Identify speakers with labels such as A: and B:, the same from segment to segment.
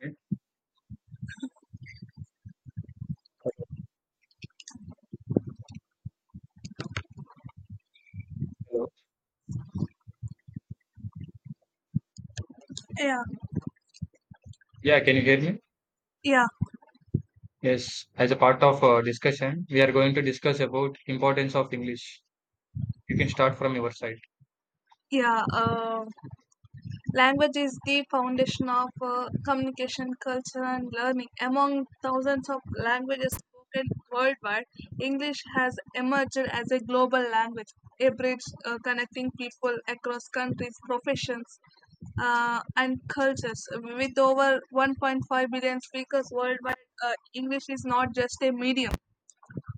A: Okay. Hello.
B: Yeah,
A: Yeah, can you hear me?
B: yeah,
A: Yes, as a part of discussion, we are going to discuss about importance of English. You can start from your side.
B: yeah, language is the foundation of communication, culture, and learning. Among thousands of languages spoken worldwide, English has emerged as a global language, a bridge connecting people across countries, professions, and cultures. With over 1.5 billion speakers worldwide, English is not just a medium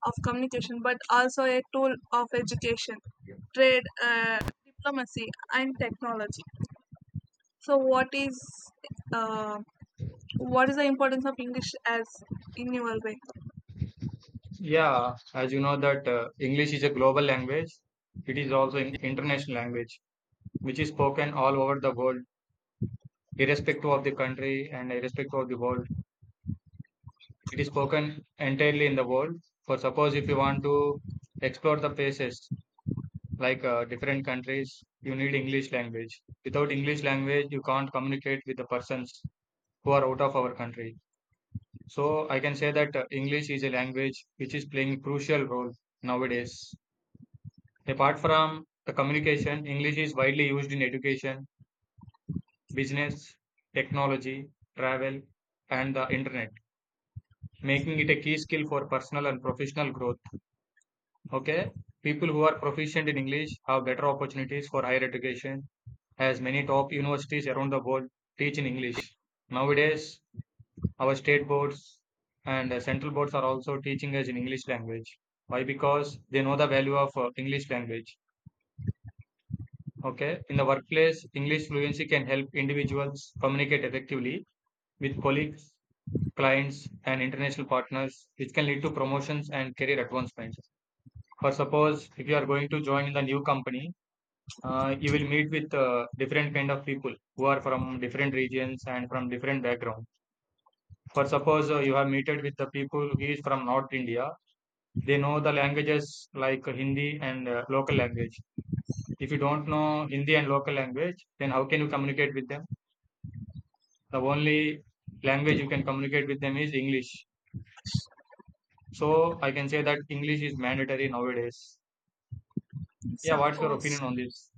B: of communication, but also a tool of education, trade, diplomacy, and technology. So, uh, what is the importance of English as in your way?
A: Yeah, as you know that English is a global language. It is also an international language, which is spoken all over the world, irrespective of the country and irrespective of the world. It is spoken entirely in the world. For suppose if you want to explore the places like different countries, you need English language. Without English language, you can't communicate with the persons who are out of our country. So I can say that English is a language which is playing crucial role nowadays. Apart from the communication, English is widely used in education, business, technology, travel, and the internet, making it a key skill for personal and professional growth. Okay, people who are proficient in English have better opportunities for higher education, as many top universities around the world teach in English. Nowadays, our state boards and central boards are also teaching us in English language. Why? Because they know the value of English language. Okay. In the workplace, English fluency can help individuals communicate effectively with colleagues, clients, and international partners, which can lead to promotions and career advancements. For suppose if you are going to join in the new company, you will meet with different kind of people who are from different regions and from different background. For suppose you have meted with the people who is from North India, they know the languages like Hindi and local language. If you don't know Hindi and local language, then how can you communicate with them? The only language you can communicate with them is English. So I can say that English is mandatory nowadays.
B: Yes,
A: Yeah,
B: of
A: what's your opinion
B: course.
A: on this?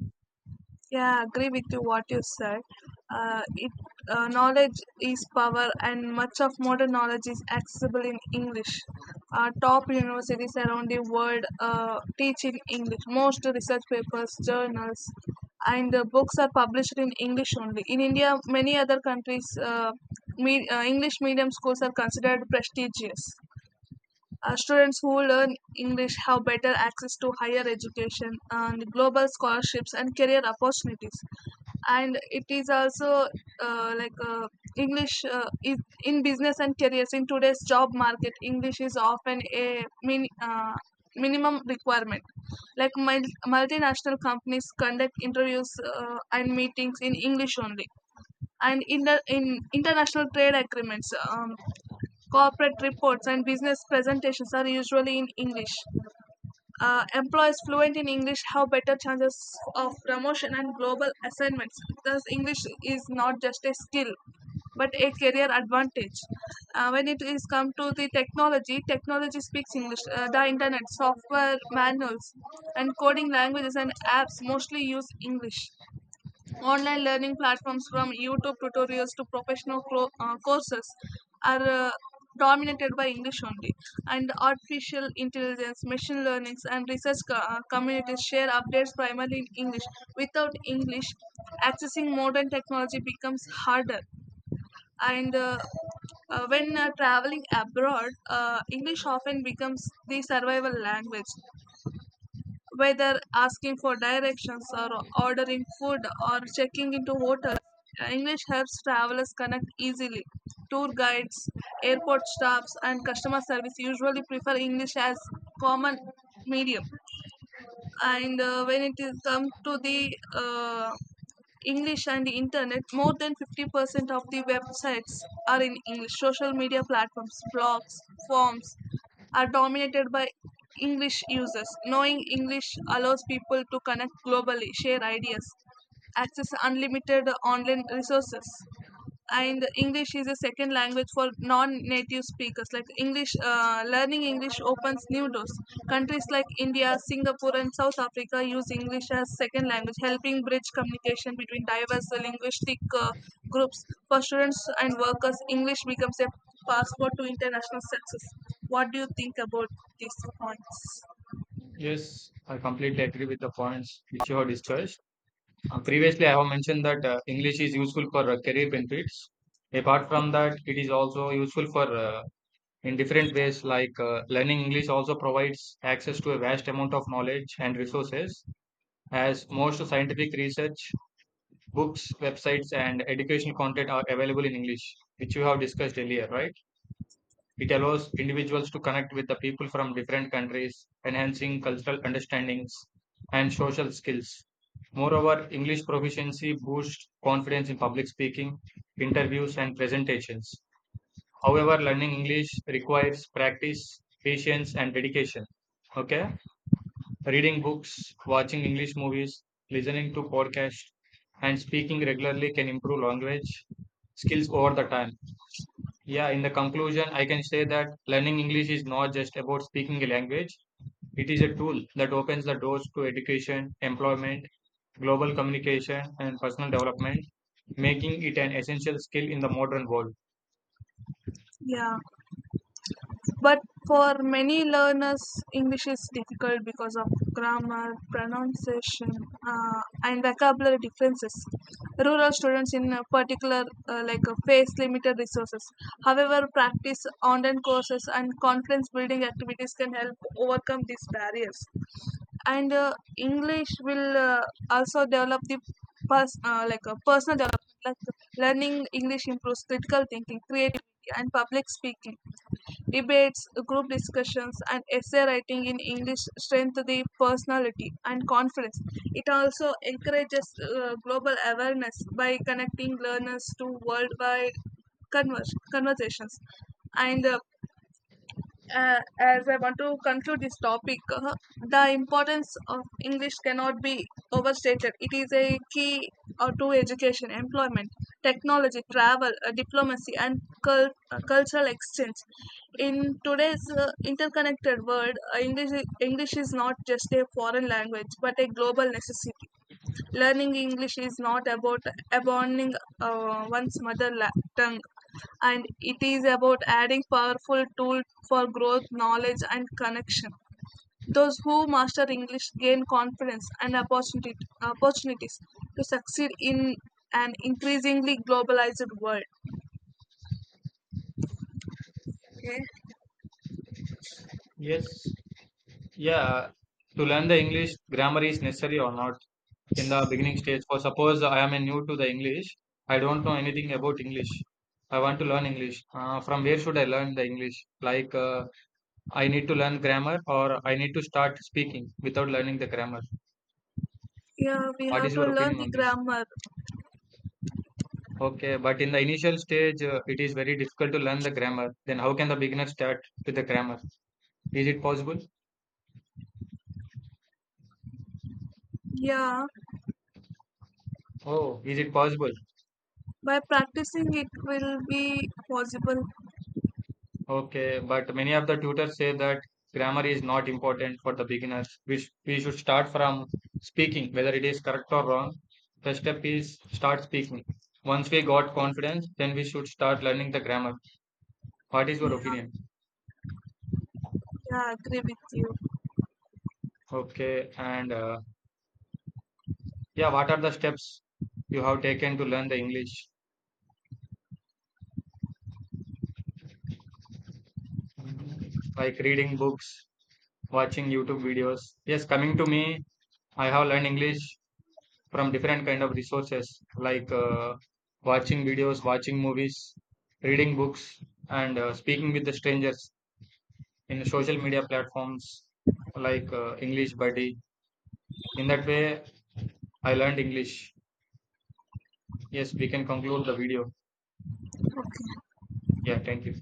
B: Yeah, agree with you what you said. It Knowledge is power, and much of modern knowledge is accessible in English. Top universities around the world teach in English. Most research papers, journals, and books are published in English only. In India, many other countries, English medium schools are considered prestigious. Students who learn English have better access to higher education and global scholarships and career opportunities, and it is also like english is in business and careers. In today's job market, English is often a minimum requirement. Multinational companies conduct interviews and meetings in English only, and in the in international trade agreements, corporate reports and business presentations are usually in English. Employees fluent in English have better chances of promotion and global assignments. Thus, English is not just a skill but a career advantage. When it is come to the technology, technology speaks English. The internet, software manuals, and coding languages and apps mostly use English. Online learning platforms, from YouTube tutorials to professional courses, are dominated by English only. And artificial intelligence, machine learnings, and research communities share updates primarily in English. Without English, accessing modern technology becomes harder. And when traveling abroad, English often becomes the survival language. Whether asking for directions, or ordering food, or checking into hotels, English helps travelers connect easily. Tour guides, airport staffs, and customer service usually prefer English as common medium. And when it is come to the English and internet, more than 50% of the websites are in English. Social media platforms, blogs, forms are dominated by English users. Knowing English allows people to connect globally, share ideas, access unlimited online resources. And English is a second language for non-native speakers. Like english Learning English opens new doors. Countries like India, Singapore, and South Africa use English as second language, helping bridge communication between diverse linguistic groups. For students and workers, English becomes a passport to international success. What do you think about these points?
A: Yes, I completely agree with the points which you have discussed. Previously, I have mentioned that English is useful for career benefits. Apart from that, it is also useful for in different ways, like learning English also provides access to a vast amount of knowledge and resources, as most scientific research, books, websites, and educational content are available in English, which you have discussed earlier, right? It allows individuals to connect with the people from different countries, enhancing cultural understandings and social skills. Moreover, English proficiency boosts confidence in public speaking, interviews, and presentations. However, learning English requires practice, patience, and dedication. Okay? Reading books, watching English movies, listening to podcasts, and speaking regularly can improve language skills over the time. Yeah, in the conclusion, I can say that learning English is not just about speaking a language. It is a tool that opens the doors to education, employment, global communication, and personal development, making it an essential skill in the modern world.
B: Yeah. But for many learners, English is difficult because of grammar, pronunciation, and vocabulary differences. Rural students, in a particular, face limited resources. However, practice, online courses, and confidence building activities can help overcome these barriers. And English will also develop the like a personal development, like learning English improves critical thinking, creativity, and public speaking. Debates, group discussions, and essay writing in English strengthen the personality and confidence. It also encourages global awareness by connecting learners to worldwide conversations. And As I want to conclude this topic, the importance of English cannot be overstated. It is a key to education, employment, technology, travel, diplomacy, and cultural exchange. In today's interconnected world, English is not just a foreign language but a global necessity. Learning English is not about abandoning one's mother tongue, and it is about adding powerful tool for growth, knowledge, and connection. Those who master English gain confidence and opportunities to succeed in an increasingly globalized world. Okay.
A: Yes, yeah. To learn the English, grammar is necessary or not in the beginning stage. For suppose I am a new to the English, I don't know anything about English. I want to learn English. From where should I learn the English? Like I need to learn grammar or I need to start speaking without learning the grammar.
B: Yeah, we
A: What
B: have
A: is
B: to
A: your
B: learn
A: opinion
B: the
A: on this?
B: grammar.
A: Okay, but in the initial stage, it is very difficult to learn the grammar. Then how can the beginner start with the grammar? Is it possible?
B: Yeah,
A: Oh, is it possible?
B: by practicing it will be possible.
A: Okay, but many of the tutors say that grammar is not important for the beginners. We should start from speaking, whether it is correct or wrong. First step is start speaking. Once we got confidence, then we should start learning the grammar. What is your opinion?
B: Yeah, yeah, I agree with you.
A: Okay, and yeah, what are the steps you have taken to learn the English? Like reading books, watching YouTube videos. Yes, coming to me, I have learned English from different kind of resources like watching videos, watching movies, reading books, and speaking with the strangers in social media platforms like English Buddy. In that way, I learned English. Yes, we can conclude the video. Yeah, thank you.